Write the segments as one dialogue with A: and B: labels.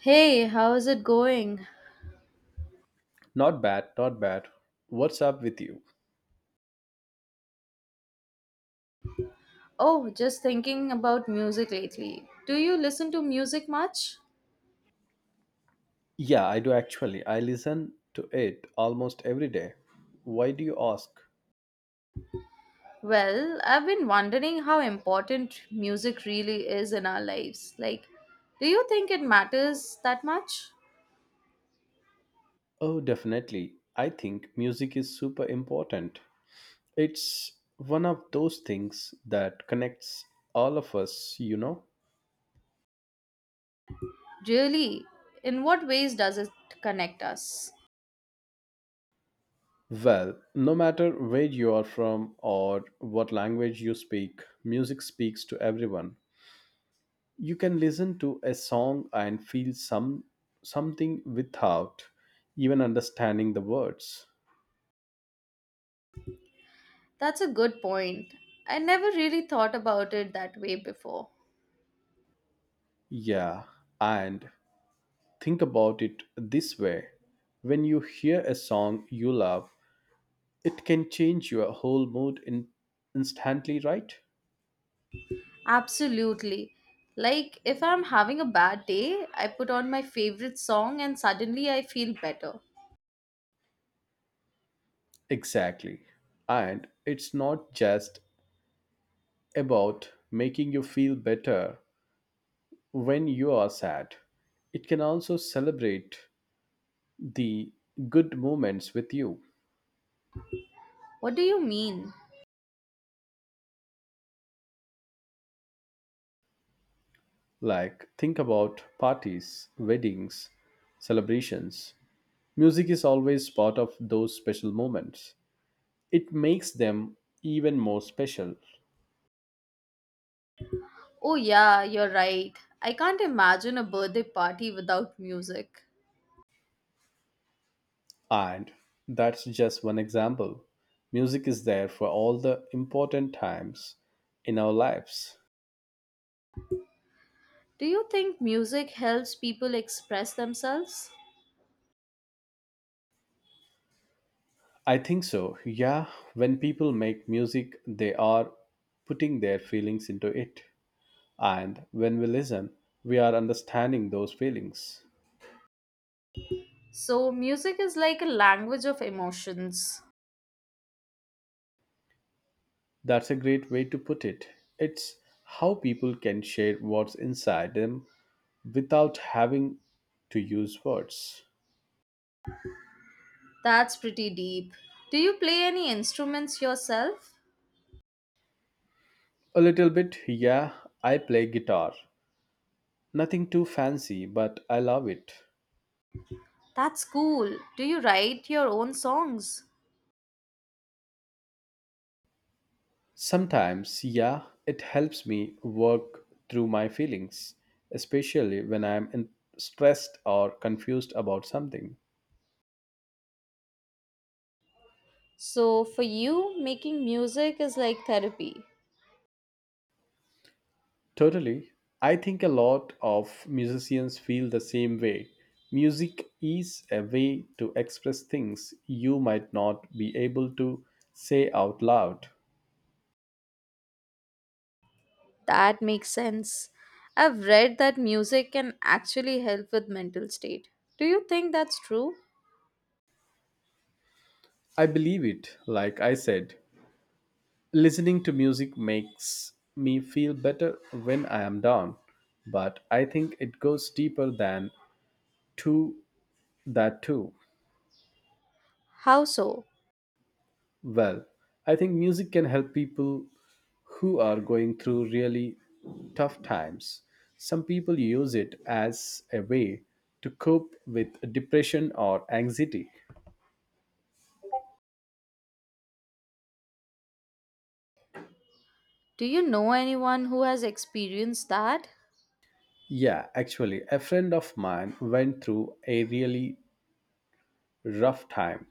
A: Hey, how's it going?
B: Not bad, not bad. What's up with you?
A: Oh, just thinking about music lately. Do you listen to music much?
B: Yeah, I do actually. I listen to it almost every day. Why do you ask?
A: Well, I've been wondering how important music really is in our lives. Like, do you think it matters that much?
B: Oh, definitely. I think music is super important. It's one of those things that connects all of us, you know?
A: Really? In what ways does it connect us?
B: Well, no matter where you are from or what language you speak, music speaks to everyone. You can listen to a song and feel something without even understanding the words.
A: That's a good point. I never really thought about it that way before.
B: Yeah, and think about it this way, when you hear a song you love, it can change your whole mood instantly, right?
A: Absolutely. Like, if I'm having a bad day, I put on my favorite song and suddenly I feel better.
B: Exactly, and it's not just about making you feel better when you are sad. It can also celebrate the good moments with you.
A: What do you mean?
B: Like, think about parties, weddings, celebrations. Music is always part of those special moments. It makes them even more special.
A: Oh, yeah, you're right. I can't imagine a birthday party without music.
B: And that's just one example. Music is there for all the important times in our lives.
A: Do you think music helps people express themselves?
B: I think so. Yeah, when people make music, they are putting their feelings into it. And when we listen, we are understanding those feelings.
A: So, music is like a language of emotions.
B: That's a great way to put it. It's how people can share what's inside them without having to use words.
A: That's pretty deep. Do you play any instruments yourself?
B: A little bit, yeah, I play guitar. Nothing too fancy, but I love it.
A: That's cool. Do you write your own songs?
B: Sometimes, yeah, it helps me work through my feelings, especially when stressed or confused about something.
A: So, for you, making music is like therapy.
B: Totally. I think a lot of musicians feel the same way. Music is a way to express things you might not be able to say out loud.
A: That makes sense. I've read that music can actually help with mental state. Do you think that's true?
B: I believe it, like I said. Listening to music makes me feel better when I am down, but I think it goes deeper than to that too.
A: How so?
B: Well, I think music can help people who are going through really tough times. Some people use it as a way to cope with depression or anxiety.
A: Do you know anyone who has experienced that?
B: Yeah, actually, a friend of mine went through a really rough time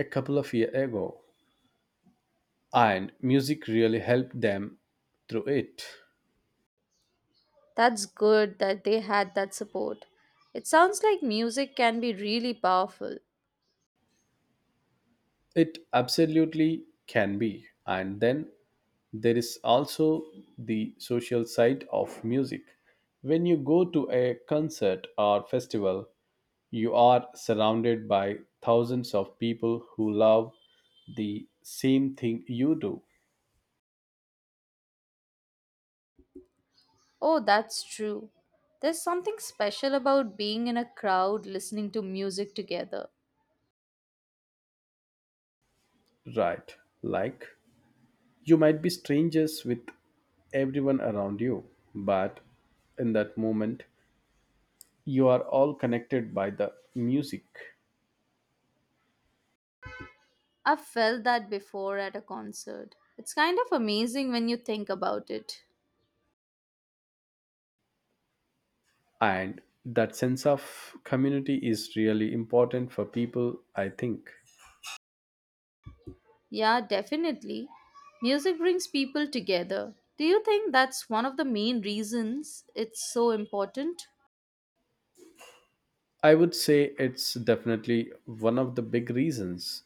B: a couple of years ago, and music really helped them through it.
A: That's good that they had that support. It sounds like music can be really powerful.
B: It absolutely can be. And then there is also the social side of music. When you go to a concert or festival, you are surrounded by thousands of people who love the same thing you do.
A: Oh, that's true. There's something special about being in a crowd listening to music together.
B: Right, like, you might be strangers with everyone around you, but in that moment, you are all connected by the music.
A: I've felt that before at a concert. It's kind of amazing when you think about it.
B: And that sense of community is really important for people, I think.
A: Yeah, definitely. Music brings people together. Do you think that's one of the main reasons it's so important?
B: I would say it's definitely one of the big reasons,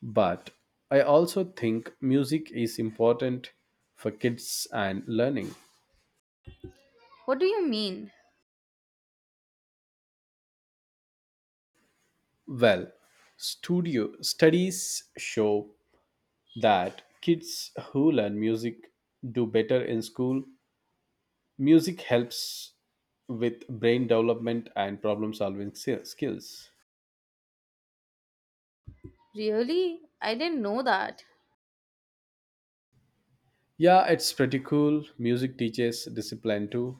B: but I also think music is important for kids and learning.
A: What do you mean?
B: Well, studio studies show that kids who learn music do better in school. Music helps with brain development and problem solving skills.
A: Really? I didn't know that.
B: Yeah, it's pretty cool. Music teaches discipline too.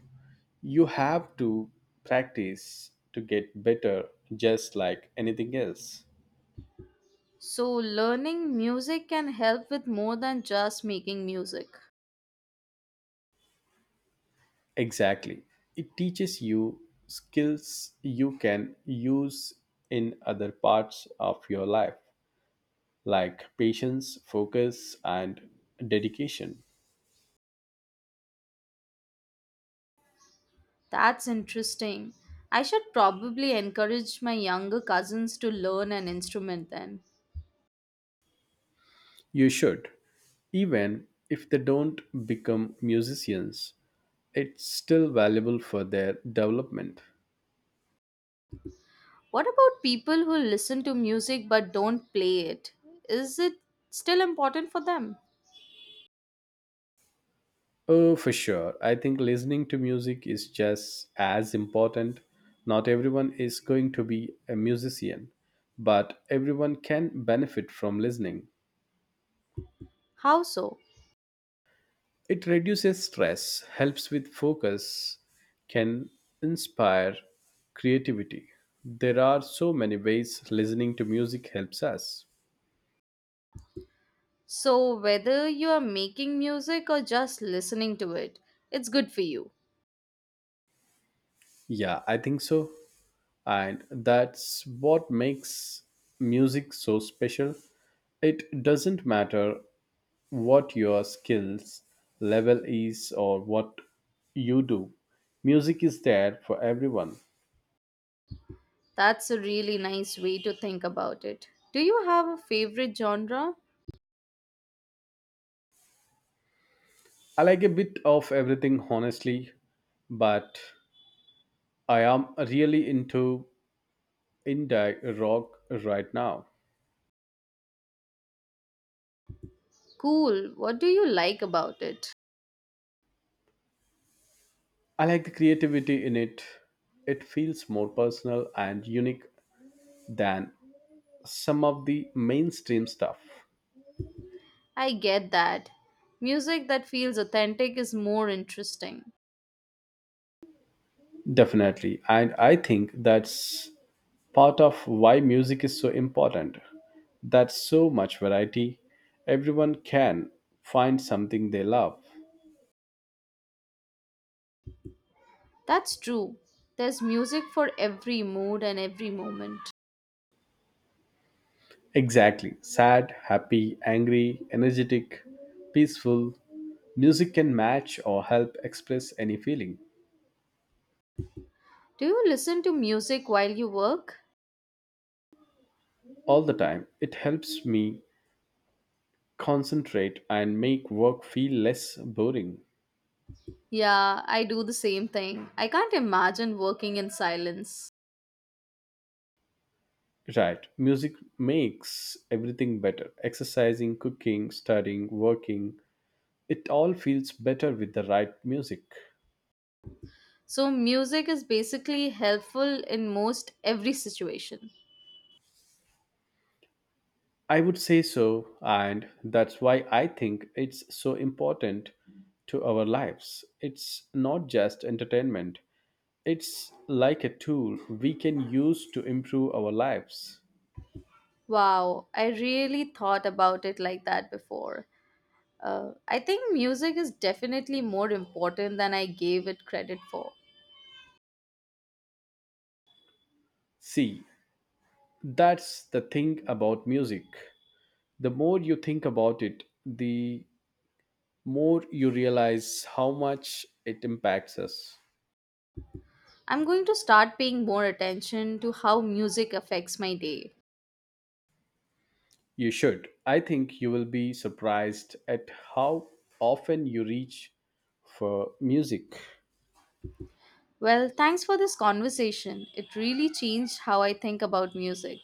B: You have to practice to get better, just like anything else.
A: So, learning music can help with more than just making music.
B: Exactly. It teaches you skills you can use in other parts of your life, like patience, focus, and dedication.
A: That's interesting. I should probably encourage my younger cousins to learn an instrument then.
B: You should. Even if they don't become musicians, it's still valuable for their development.
A: What about people who listen to music but don't play it? Is it still important for them?
B: Oh, for sure. I think listening to music is just as important. Not everyone is going to be a musician, but everyone can benefit from listening.
A: How so?
B: It reduces stress, helps with focus, can inspire creativity. There are so many ways listening to music helps us.
A: So, whether you are making music or just listening to it, it's good for you.
B: Yeah, I think so. And that's what makes music so special. It doesn't matter what your skills level is or what you do. Music is there for everyone.
A: That's a really nice way to think about it. Do you have a favorite genre?
B: I like a bit of everything, honestly, but I am really into indie rock right now.
A: Cool. What do you like about it?
B: I like the creativity in it. It feels more personal and unique than some of the mainstream stuff.
A: I get that. Music that feels authentic is more interesting.
B: Definitely. And I think that's part of why music is so important. That's so much variety. Everyone can find something they love.
A: That's true. There's music for every mood and every moment.
B: Exactly. Sad, happy, angry, energetic, peaceful. Music can match or help express any feeling.
A: Do you listen to music while you work?
B: All the time, it helps me concentrate and make work feel less boring.
A: Yeah, I do the same thing. I can't imagine working in silence.
B: Right. Music makes everything better. Exercising, cooking, studying, working. It all feels better with the right music.
A: So, music is basically helpful in most every situation.
B: I would say so, and that's why I think it's so important to our lives. It's not just entertainment, it's like a tool we can use to improve our lives.
A: Wow, I really thought about it like that before. I think music is definitely more important than I gave it credit for.
B: See, that's the thing about music. The more you think about it, the more you realize how much it impacts us.
A: I'm going to start paying more attention to how music affects my day.
B: You should. I think you will be surprised at how often you reach for music.
A: Well, thanks for this conversation. It really changed how I think about music.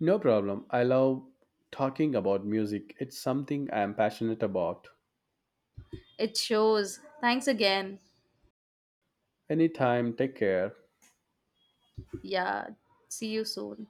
B: No problem. I love talking about music. It's something I am passionate about.
A: It shows. Thanks again.
B: Anytime, take care.
A: Yeah, see you soon.